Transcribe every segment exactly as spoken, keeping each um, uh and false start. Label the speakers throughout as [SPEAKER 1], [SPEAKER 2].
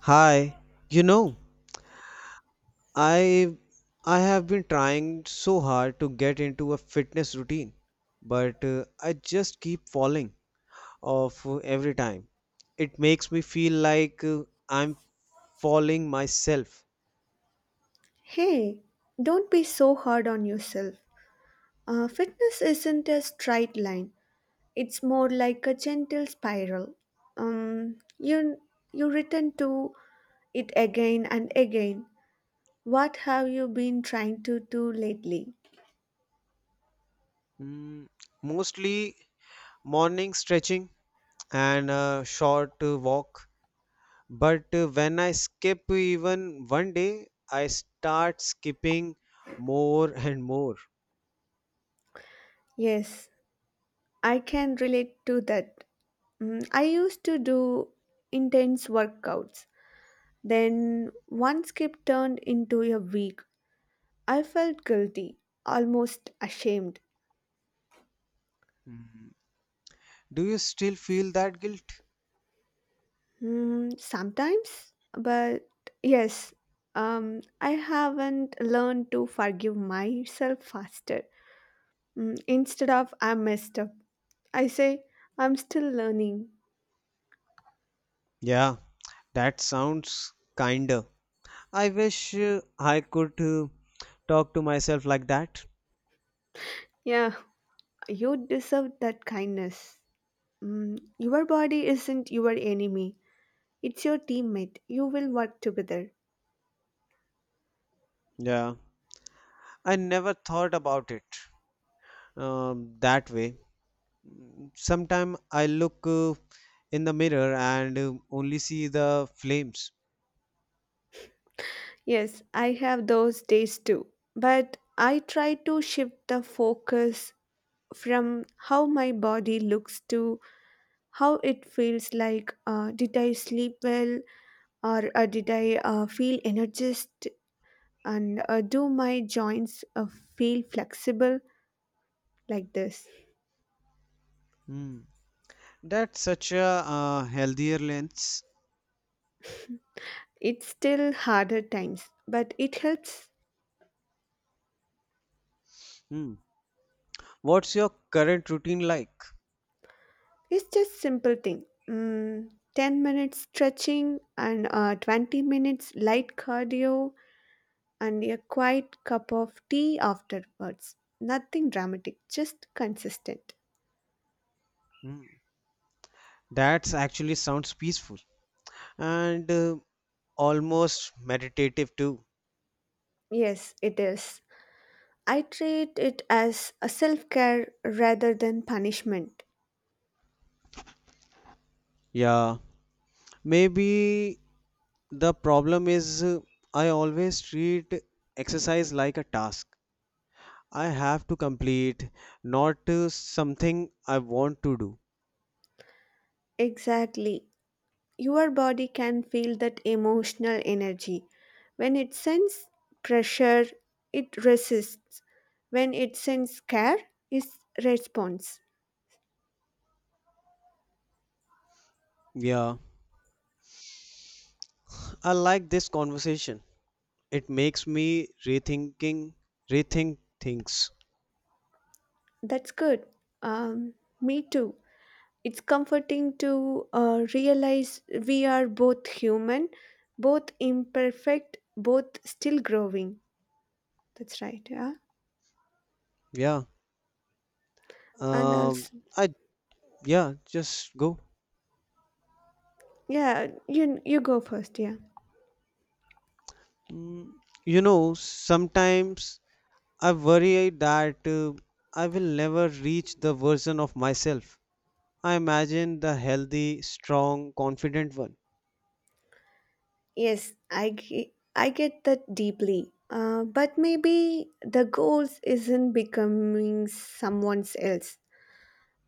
[SPEAKER 1] Hi, you know, I I have been trying so hard to get into a fitness routine, but uh, I just keep falling off uh, every time. It makes me feel like uh, I'm falling myself.
[SPEAKER 2] Hey, don't be so hard on yourself. Uh, fitness isn't a straight line, it's more like a gentle spiral. Um, you, you return to it again and again. What have you been trying to do lately?
[SPEAKER 1] Mm, mostly morning stretching and a short uh, walk, but uh, when I skip even one day, I start skipping more and more.
[SPEAKER 2] Yes, I can relate to that. Mm, I used to do intense workouts. Then one skip turned into a week. I felt guilty, almost ashamed.
[SPEAKER 1] Mm. Do you still feel that guilt?
[SPEAKER 2] Mm, sometimes, but yes, um, I haven't learned to forgive myself faster. Mm, instead of I messed up, I say I'm still learning.
[SPEAKER 1] Yeah, that sounds kinder. I wish uh, I could uh, talk to myself like that.
[SPEAKER 2] Yeah, you deserve that kindness. Mm, your body isn't your enemy, it's your teammate. You will work together.
[SPEAKER 1] Yeah, I never thought about it um, that way. Sometimes I look uh, in the mirror and uh, only see the flames.
[SPEAKER 2] Yes, I have those days too, but I try to shift the focus from how my body looks to how it feels. Like, uh, did I sleep well, or uh, did I uh, feel energized, and uh, do my joints uh, feel flexible, like this.
[SPEAKER 1] Hmm. That's such a uh, healthier lens.
[SPEAKER 2] It's still harder times, but it helps.
[SPEAKER 1] Hmm. What's your current routine like?
[SPEAKER 2] It's just simple thing. mm, ten minutes stretching and uh, twenty minutes light cardio and a quiet cup of tea afterwards. Nothing dramatic, just consistent.
[SPEAKER 1] Hmm. That's actually sounds peaceful and uh, almost meditative too.
[SPEAKER 2] Yes, it is. I treat it as a self care rather than punishment.
[SPEAKER 1] Yeah, maybe the problem is uh, I always treat exercise like a task I have to complete, not uh, something I want to do.
[SPEAKER 2] Exactly. Your body can feel that emotional energy. When it sends pressure, it resists. When it sends care, it responds.
[SPEAKER 1] Yeah, I like this conversation. It makes me rethinking, rethink things.
[SPEAKER 2] That's good. Um, Me too. It's comforting to uh, realize we are both human, both imperfect, both still growing. That's right, yeah.
[SPEAKER 1] Yeah.
[SPEAKER 2] And
[SPEAKER 1] Um.
[SPEAKER 2] also,
[SPEAKER 1] I yeah. Just go.
[SPEAKER 2] Yeah, you you go first. Yeah.
[SPEAKER 1] Mm, you know, sometimes I worry that uh, I will never reach the version of myself I imagine, the healthy, strong, confident one.
[SPEAKER 2] Yes, I ge- I get that deeply. Uh, but maybe the goals isn't becoming someone else.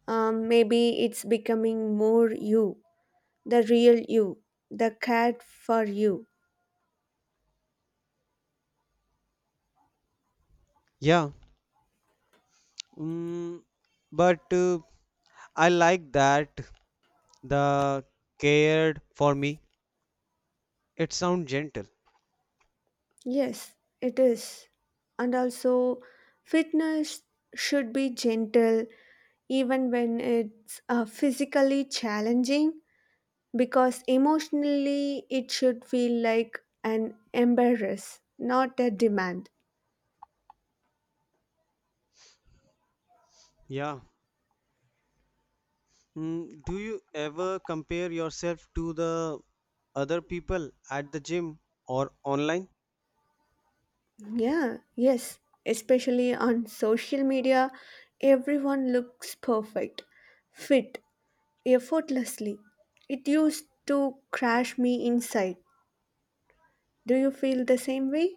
[SPEAKER 2] Um, maybe it's becoming more you, the real you, the cat for you.
[SPEAKER 1] Yeah. Mm, but uh, I like that the cared for me. It sounds gentle.
[SPEAKER 2] Yes, it is. And also, fitness should be gentle even when it's uh, physically challenging, because emotionally it should feel like an embarrass, not a demand.
[SPEAKER 1] Yeah. Mm, do you ever compare yourself to the other people at the gym or online?
[SPEAKER 2] Yeah, yes, especially on social media, everyone looks perfect, fit, effortlessly. It used to crash me inside. Do you feel the same way?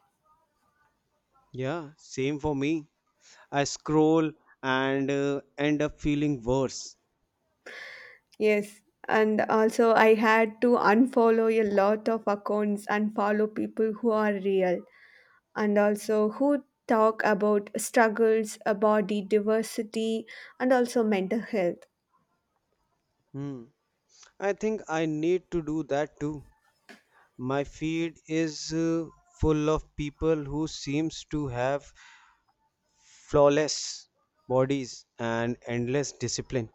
[SPEAKER 1] Yeah, same for me. I scroll and uh, end up feeling worse.
[SPEAKER 2] Yes. And also, I had to unfollow a lot of accounts and follow people who are real, and also who talk about struggles, uh, body diversity, and also mental health.
[SPEAKER 1] Hmm. I think I need to do that too. My feed is uh, full of people who seems to have flawless bodies and endless discipline.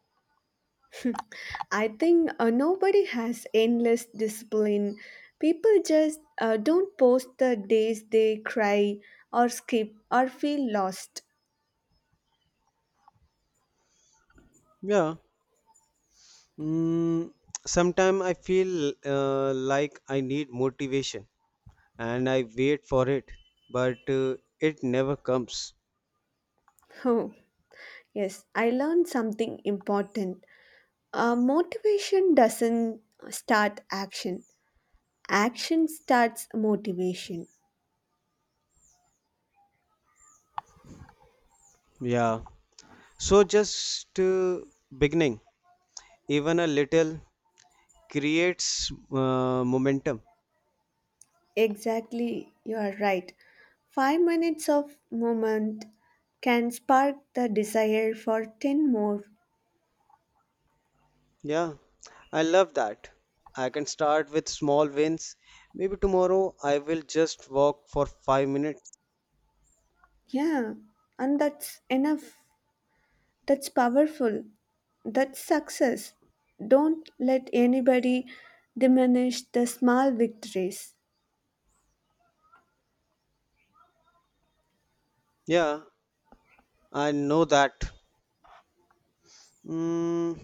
[SPEAKER 2] I think uh, nobody has endless discipline. People just uh, don't post the days they cry or skip or feel lost.
[SPEAKER 1] Yeah. Mm, sometimes I feel uh, like I need motivation and I wait for it, but uh, it never comes.
[SPEAKER 2] Oh, yes, I learned something important. Uh, motivation doesn't start action, action starts motivation.
[SPEAKER 1] Yeah, so just uh, beginning even a little creates uh, momentum.
[SPEAKER 2] Exactly, you are right. Five minutes of movement can spark the desire for ten more.
[SPEAKER 1] Yeah, I love that. I can start with small wins. Maybe tomorrow I will just walk for five minutes.
[SPEAKER 2] Yeah, and that's enough. That's powerful. That's success. Don't let anybody diminish the small victories.
[SPEAKER 1] Yeah, I know that. Mm,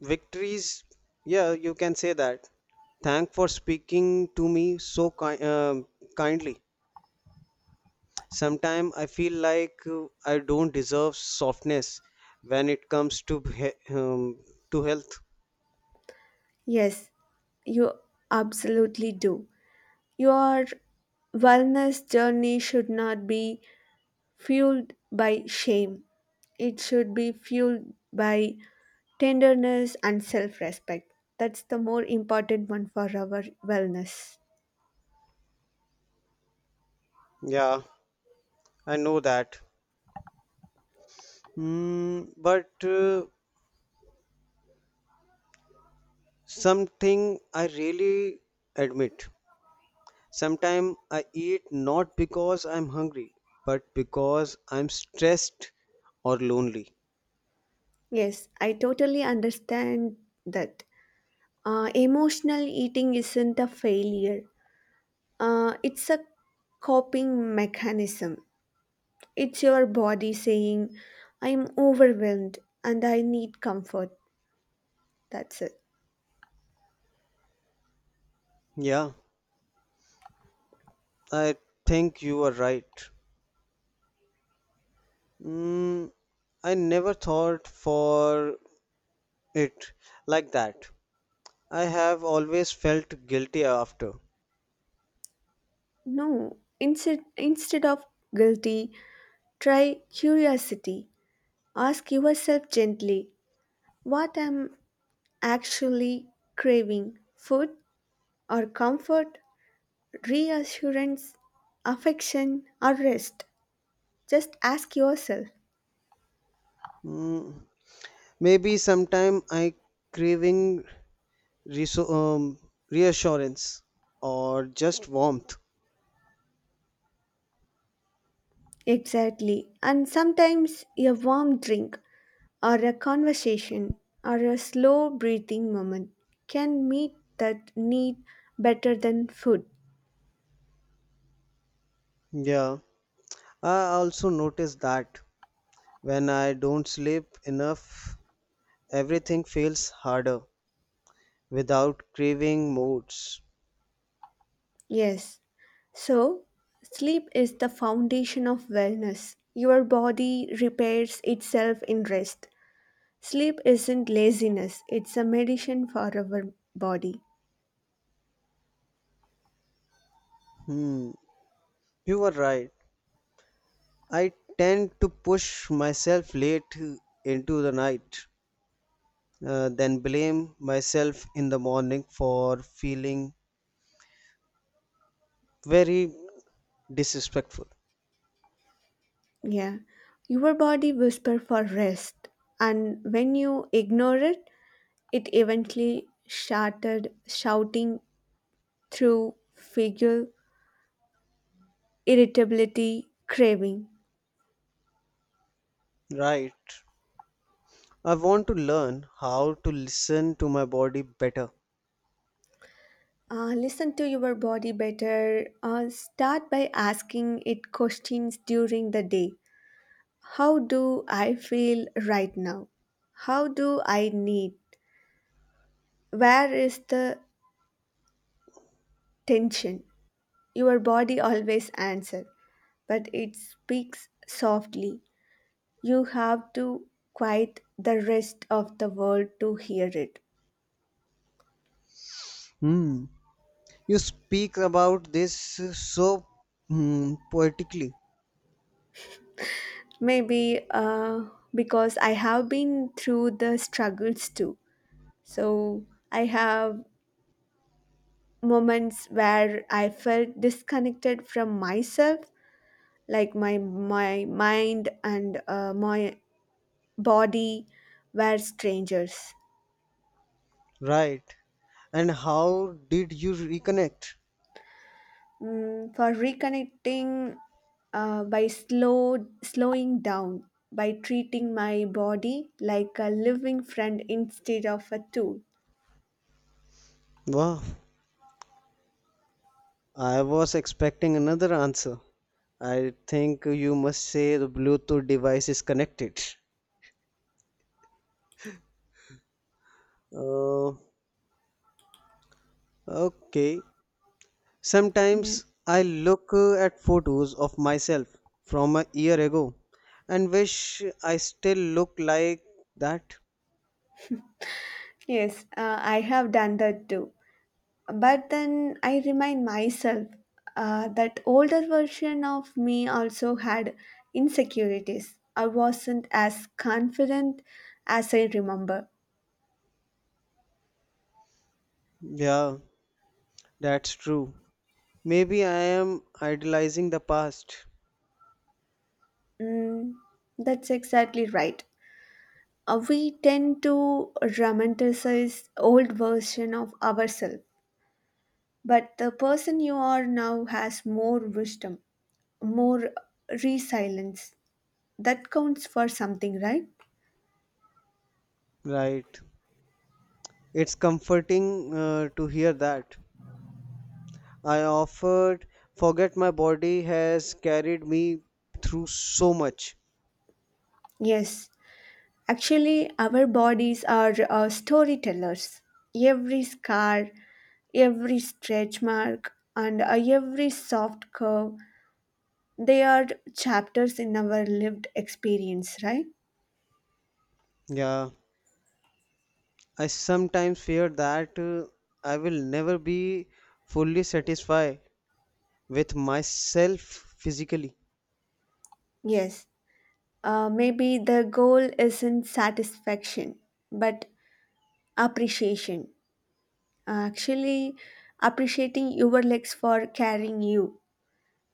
[SPEAKER 1] victories. Yeah, you can say that. Thank for speaking to me so ki- um kindly. Sometimes I feel like uh, I don't deserve softness when it comes to he- um, to health.
[SPEAKER 2] Yes, you absolutely do. Your wellness journey should not be fueled by shame, it should be fueled by tenderness and self-respect. That's the more important one for our wellness.
[SPEAKER 1] Yeah, I know that. Mm, but uh, something I really admit. Sometimes I eat not because I'm hungry, but because I'm stressed or lonely.
[SPEAKER 2] Yes, I totally understand that. Uh, emotional eating isn't a failure. Uh, it's a coping mechanism. It's your body saying I'm overwhelmed and I need comfort. That's it.
[SPEAKER 1] Yeah, I think you are right. Mm, I never thought for it like that. I have always felt guilty after.
[SPEAKER 2] No. Instead instead of guilty, try curiosity. Ask yourself gently, what am actually craving? Food or comfort, reassurance, affection, or rest. Just ask yourself.
[SPEAKER 1] Mm, maybe sometime I craving reso- um, reassurance or just warmth.
[SPEAKER 2] Exactly. And sometimes a warm drink or a conversation or a slow breathing moment can meet that need better than food.
[SPEAKER 1] Yeah. I also notice that when I don't sleep enough, everything feels harder without craving moods.
[SPEAKER 2] Yes. So, sleep is the foundation of wellness. Your body repairs itself in rest. Sleep isn't laziness, it's a medicine for our body.
[SPEAKER 1] Hmm, you are right. I tend to push myself late into the night, uh, then blame myself in the morning for feeling very disrespectful.
[SPEAKER 2] Yeah. Your body whispers for rest, and when you ignore it, it eventually shattered, shouting through figure, irritability, craving.
[SPEAKER 1] Right. I want to learn how to listen to my body better.
[SPEAKER 2] Uh, listen to your body better. Uh, start by asking it questions during the day. How do I feel right now? How do I need? Where is the tension? Your body always answers, but it speaks softly. You have to quiet the rest of the world to hear it.
[SPEAKER 1] Hmm. You speak about this so mm, poetically,
[SPEAKER 2] Maybe uh, because I have been through the struggles too. So I have moments where I felt disconnected from myself, like my my mind and uh, my body were strangers.
[SPEAKER 1] right? And how did you reconnect?
[SPEAKER 2] Mm, for reconnecting, uh, by slow slowing down, by treating my body like a living friend instead of a tool.
[SPEAKER 1] Wow, I was expecting another answer. I think you must say the Bluetooth device is connected. Uh, okay.
[SPEAKER 2] Yeah.
[SPEAKER 1] Sometimes I look uh, at photos of myself from a year ago and wish I still look like that.
[SPEAKER 2] Yes, uh, I have done that too, but then I remind myself, uh, that older version of me also had insecurities. I wasn't as confident as I remember.
[SPEAKER 1] Yeah, that's true. Maybe I am idealizing the past.
[SPEAKER 2] mm, that's exactly right. Uh, we tend to romanticize old version of ourselves, but the person you are now has more wisdom, more resilience. That counts for something, right?
[SPEAKER 1] Right. It's comforting uh, to hear that. I offered, forget my body has carried me through so much.
[SPEAKER 2] Yes, actually our bodies are uh, storytellers. Every scar, every stretch mark, and uh, every soft curve, they are chapters in our lived experience, right?
[SPEAKER 1] Yeah. I sometimes fear that uh, I will never be fully satisfied with myself physically.
[SPEAKER 2] Yes. Uh, maybe the goal isn't satisfaction, but appreciation. Actually, appreciating your legs for carrying you,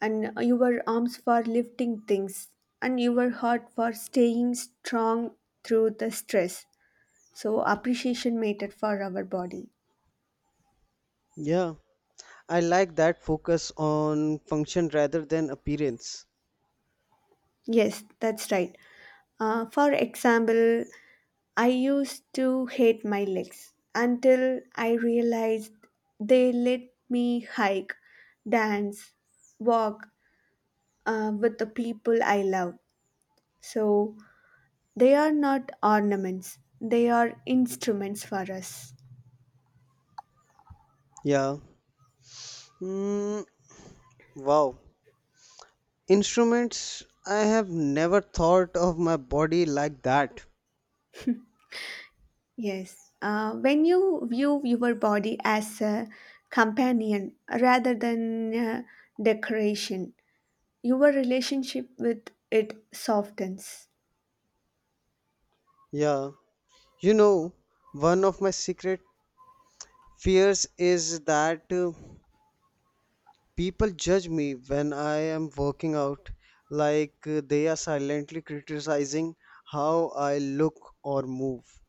[SPEAKER 2] and your arms for lifting things, and your heart for staying strong through the stress. So, appreciation mattered for our body.
[SPEAKER 1] Yeah. I like that focus on function rather than appearance.
[SPEAKER 2] Yes, that's right. Uh, for example, I used to hate my legs until I realized they let me hike, dance, walk uh, with the people I love. So they are not ornaments, they are instruments for us.
[SPEAKER 1] Yeah. Mm, wow. Instruments, I have never thought of my body like that.
[SPEAKER 2] Yes. Uh, when you view your body as a companion rather than uh, decoration, your relationship with it softens.
[SPEAKER 1] Yeah. You know, one of my secret fears is that uh, people judge me when I am working out, like uh, they are silently criticizing how I look or move.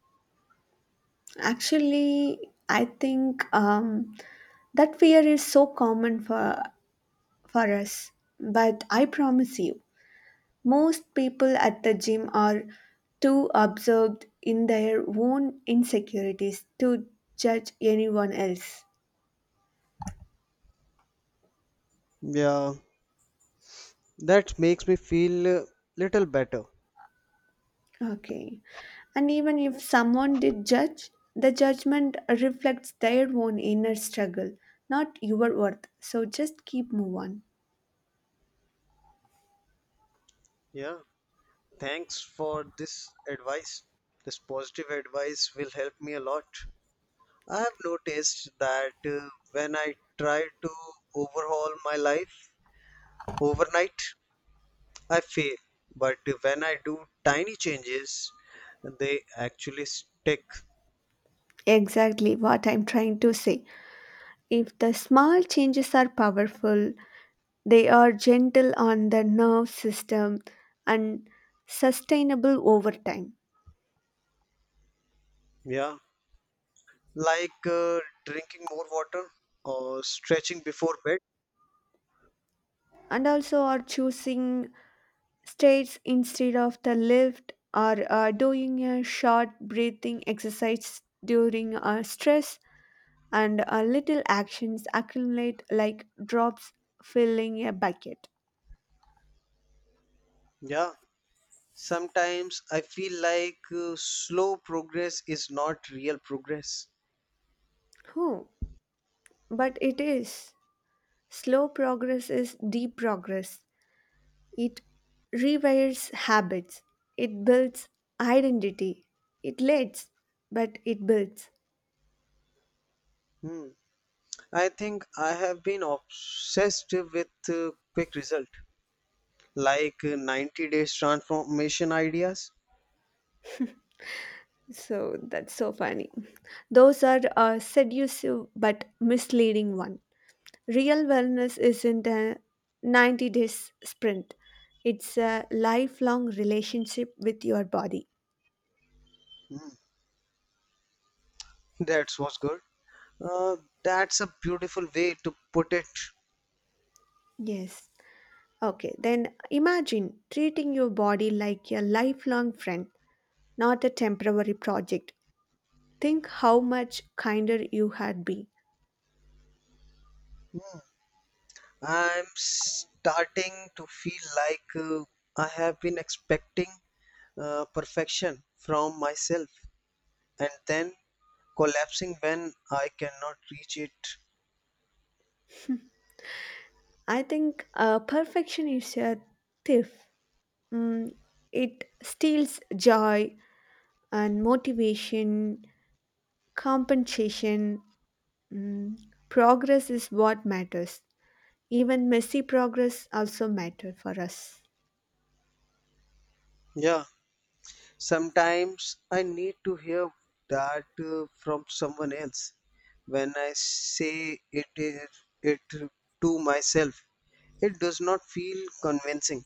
[SPEAKER 2] Actually, I think um, that fear is so common for for us. But I promise you, most people at the gym are too absorbed in their own insecurities to judge anyone else.
[SPEAKER 1] Yeah, that makes me feel uh, little better.
[SPEAKER 2] Okay, and even if someone did judge, the judgment reflects their own inner struggle, not your worth. So just keep move on.
[SPEAKER 1] Yeah, thanks for this advice. This positive advice will help me a lot. I have noticed that uh, when I try to overhaul my life overnight, I fail. But when I do tiny changes, they actually stick.
[SPEAKER 2] Exactly what I'm trying to say. If the small changes are powerful, they are gentle on the nerve system and sustainable over time.
[SPEAKER 1] Yeah. Like uh, drinking more water or stretching before bed.
[SPEAKER 2] And also, are choosing stairs instead of the lift, or uh, doing a short breathing exercise during uh, stress, and uh, little actions accumulate like drops filling a bucket.
[SPEAKER 1] Yeah. Sometimes I feel like uh, slow progress is not real progress.
[SPEAKER 2] Oh, but it is. Slow progress is deep progress. It rewires habits, it builds identity, it lets, but it builds.
[SPEAKER 1] Hmm. I think I have been obsessed with uh, quick result, like uh, ninety days transformation ideas.
[SPEAKER 2] So that's so funny. Those are a seductive but misleading one. Real wellness isn't a ninety days sprint. It's a lifelong relationship with your body.
[SPEAKER 1] Mm, that was good. Uh, that's a beautiful way to put it.
[SPEAKER 2] Yes. Okay, then imagine treating your body like a lifelong friend, not a temporary project. Think how much kinder you had been.
[SPEAKER 1] I'm starting to feel like uh, I have been expecting uh, perfection from myself and then collapsing when I cannot reach it.
[SPEAKER 2] I think uh, perfection is a thief. Mm, it steals joy and motivation, compensation. Mm, Progress is what matters. Even messy progress also matter for us.
[SPEAKER 1] Yeah, sometimes I need to hear that uh, from someone else. When I say it, it, it to myself, it does not feel convincing.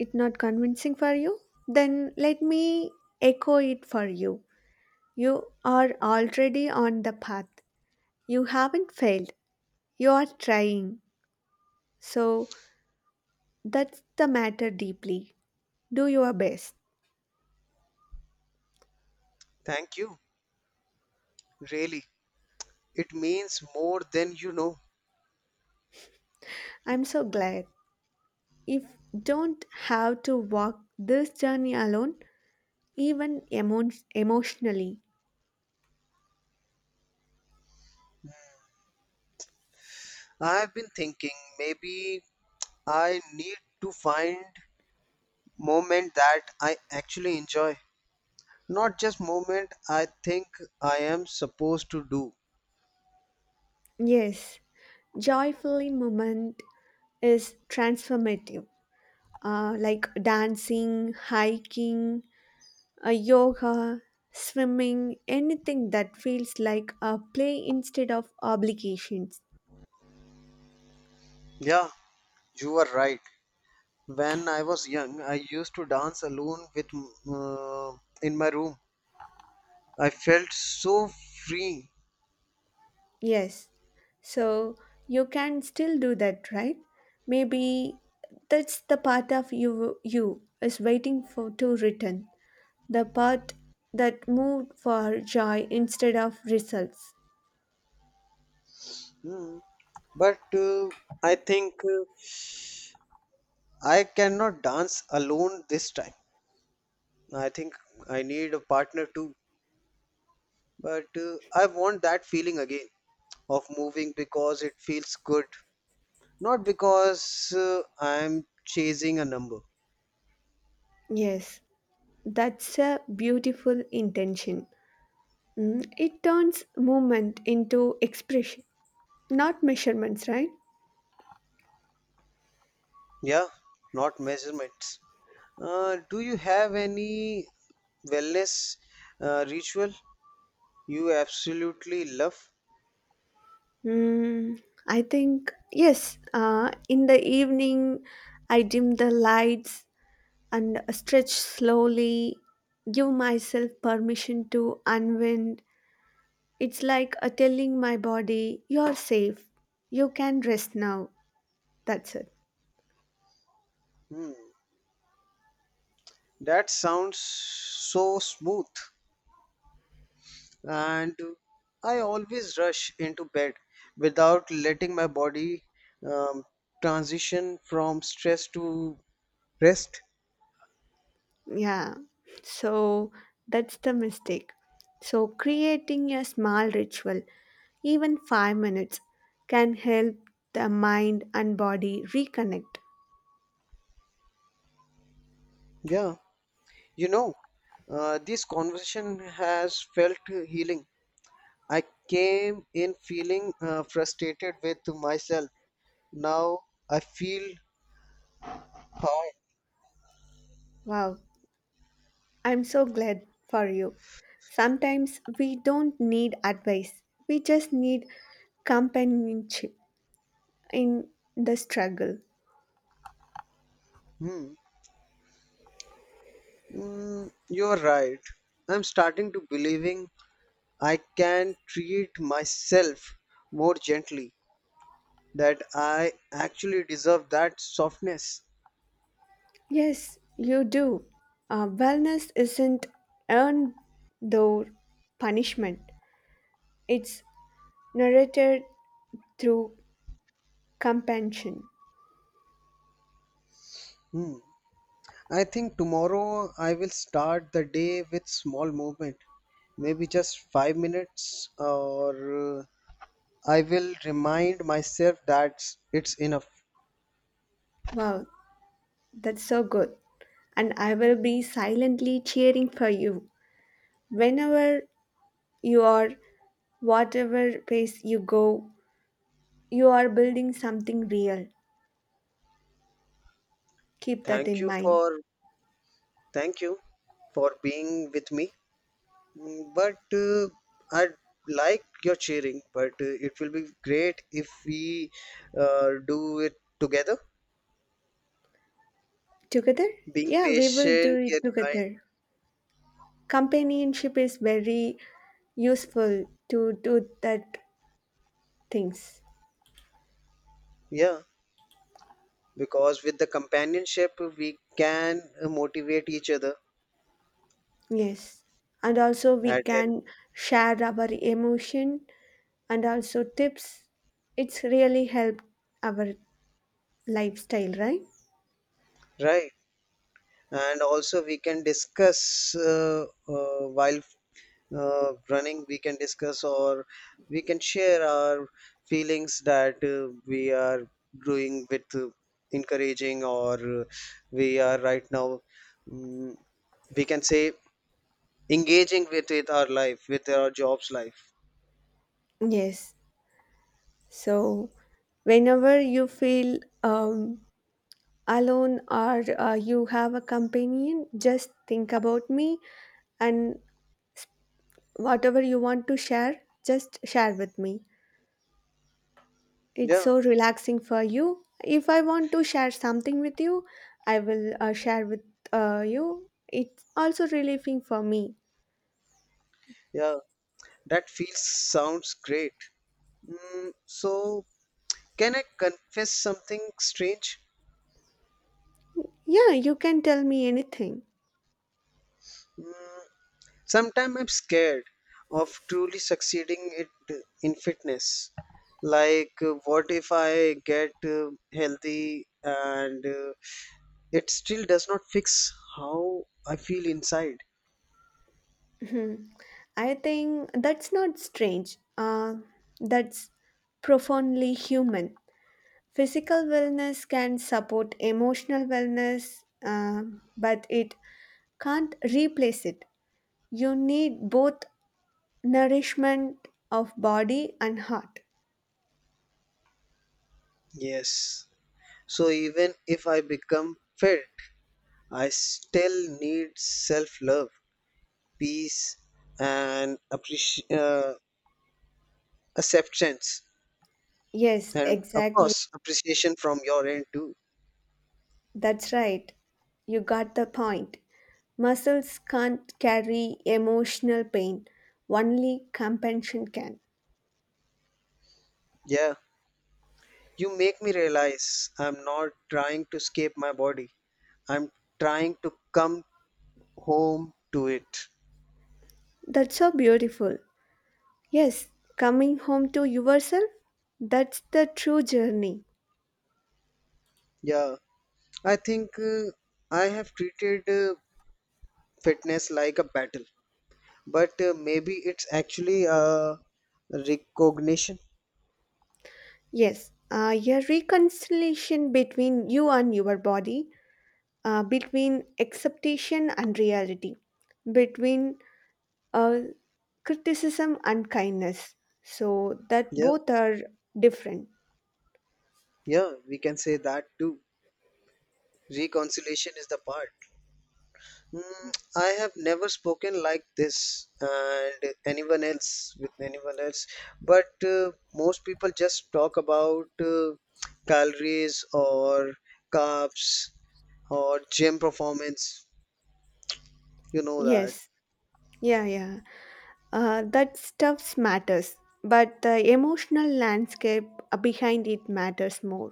[SPEAKER 2] It not convincing for you? Then let me echo it for you. You are already on the path. You haven't failed. You are trying. So that's the matter deeply. Do your best.
[SPEAKER 1] Thank you. Really. It means more than you know.
[SPEAKER 2] I'm so glad. If don't have to walk this journey alone, even emo- emotionally.
[SPEAKER 1] I've been thinking maybe I need to find moment that I actually enjoy. Not just moment I think I am supposed to do.
[SPEAKER 2] Yes, joyfully moment is transformative. Uh, like dancing, hiking, uh, yoga, swimming, anything that feels like a play instead of obligations.
[SPEAKER 1] Yeah, you are right. When I was young, I used to dance alone with uh, in my room. I felt so free.
[SPEAKER 2] Yes. So you can still do that, right? Maybe that's the part of you you is waiting for to return. The part that moved for joy instead of results.
[SPEAKER 1] Hmm. But uh, I think uh, I cannot dance alone this time. I think I need a partner too. But uh, I want that feeling again of moving because it feels good, not because uh, I'm chasing a number.
[SPEAKER 2] Yes, that's a beautiful intention. Mm, It turns movement into expression, not measurements, right?
[SPEAKER 1] Yeah, not measurements. Uh, do you have any wellness uh, ritual you absolutely love.
[SPEAKER 2] Mm, I think, yes, uh, in the evening, I dim the lights and stretch slowly, give myself permission to unwind. It's like a telling my body, you're safe, you can rest now. That's it.
[SPEAKER 1] Hmm. That sounds so smooth. And I always rush into bed without letting my body um, transition from stress to rest.
[SPEAKER 2] Yeah. So that's the mistake. So creating a small ritual, even five minutes, can help the mind and body reconnect.
[SPEAKER 1] Yeah, you know, uh, this conversation has felt healing. I came in feeling uh, frustrated with myself. Now I feel high.
[SPEAKER 2] Wow, I'm so glad for you. Sometimes we don't need advice, we just need companionship in the struggle.
[SPEAKER 1] Hmm. Mm, you're right. I'm starting to believing I can treat myself more gently, that I actually deserve that softness.
[SPEAKER 2] Yes, you do. Uh, wellness isn't earned though punishment, it's narrated through compassion.
[SPEAKER 1] Hmm. I think tomorrow I will start the day with small movement, maybe just five minutes, or uh, I will remind myself that it's enough.
[SPEAKER 2] Wow, that's so good. And I will be silently cheering for you whenever you are, whatever pace you go. You are building something real. Keep that
[SPEAKER 1] Thank
[SPEAKER 2] in
[SPEAKER 1] you
[SPEAKER 2] mind.
[SPEAKER 1] for thank you for being with me. Mm, but uh, I like your cheering, but uh, it will be great if we uh, do it together,
[SPEAKER 2] Together?
[SPEAKER 1] being
[SPEAKER 2] Yeah, we will do
[SPEAKER 1] patient
[SPEAKER 2] it
[SPEAKER 1] yet kind.
[SPEAKER 2] together. Companionship is very useful to do that things.
[SPEAKER 1] Yeah, because with the companionship, we can uh, motivate each other
[SPEAKER 2] Yes. And also we
[SPEAKER 1] at it,
[SPEAKER 2] can share our emotion and also tips. It's really helped our lifestyle, right?
[SPEAKER 1] right? And also, we can discuss uh, uh, while uh, running we can discuss or we can share our feelings that uh, we are doing with uh, encouraging or uh, we are right now, mm, we can say engaging with with our life with our jobs life.
[SPEAKER 2] Yes. So whenever you feel um, alone, or uh, you have a companion, just think about me, and whatever you want to share, just share with me. It's
[SPEAKER 1] Yeah
[SPEAKER 2] so relaxing for you. If I want to share something with you, I will uh, share with uh, you. It's also relieving for me.
[SPEAKER 1] yeah, that feels sounds great. Mm, so can I confess something strange.
[SPEAKER 2] Yeah, you can tell me anything.
[SPEAKER 1] Mm, sometimes I'm scared of truly succeeding it in fitness. Like, uh, what if I get uh, healthy and uh, it still does not fix how I feel inside?
[SPEAKER 2] Hmm. I think that's not strange. Uh, that's profoundly human. Physical wellness can support emotional wellness, um, but it can't replace it. You need both. Nourishment of body and heart.
[SPEAKER 1] Yes. So even if I become fit, I still need self-love, peace, and appreci- uh, acceptance,
[SPEAKER 2] Yes,
[SPEAKER 1] and of
[SPEAKER 2] exactly.
[SPEAKER 1] course appreciation from your end too.
[SPEAKER 2] That's right. You got the point. Muscles can't carry emotional pain, only compassion can.
[SPEAKER 1] Yeah. You make me realize I'm not trying to escape my body. I'm trying to come home to it.
[SPEAKER 2] That's so beautiful. Yes, coming home to yourself, that's the true journey.
[SPEAKER 1] Yeah, I think uh, I have treated uh, fitness like a battle, but uh, maybe it's actually a recognition.
[SPEAKER 2] Yes, uh, your reconciliation between you and your body, uh, between acceptation and reality, between uh, criticism and kindness, so that
[SPEAKER 1] Yeah,
[SPEAKER 2] both are different.
[SPEAKER 1] yeah, we can say that too. Reconciliation is the part. Mm, I have never spoken like this and anyone else with anyone else, but uh, most people just talk about uh, calories or carbs or gym performance. You know that.
[SPEAKER 2] Yes, yeah, yeah, uh, that stuff matters, but the emotional landscape uh, behind it matters more.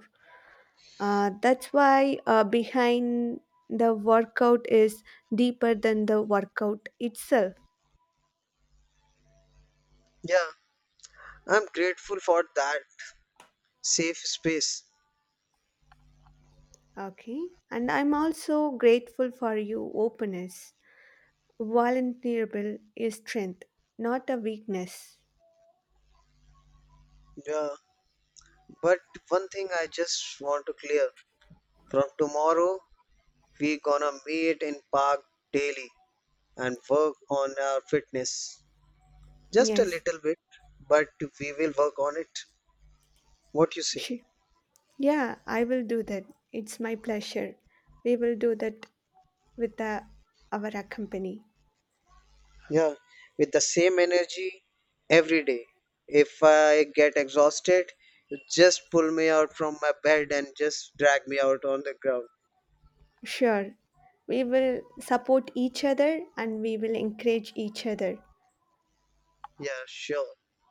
[SPEAKER 2] uh, That's why, uh, behind the workout is deeper than the workout itself.
[SPEAKER 1] Yeah, I'm grateful for that safe space.
[SPEAKER 2] Okay, and I'm also grateful for you openness. Vulnerable is strength, not a weakness.
[SPEAKER 1] Yeah, but one thing I just want to clear, from tomorrow, we gonna meet in park daily and work on our fitness. Just a
[SPEAKER 2] Yes.
[SPEAKER 1] little bit, but we will work on it. What you say?
[SPEAKER 2] Sh- Yeah, I will do that. It's my pleasure. We will do that with uh, our company.
[SPEAKER 1] Yeah, with the same energy every day. If I get exhausted, you just pull me out from my bed and just drag me out on the ground.
[SPEAKER 2] Sure. We will support each other and we will encourage each other.
[SPEAKER 1] Yeah, sure.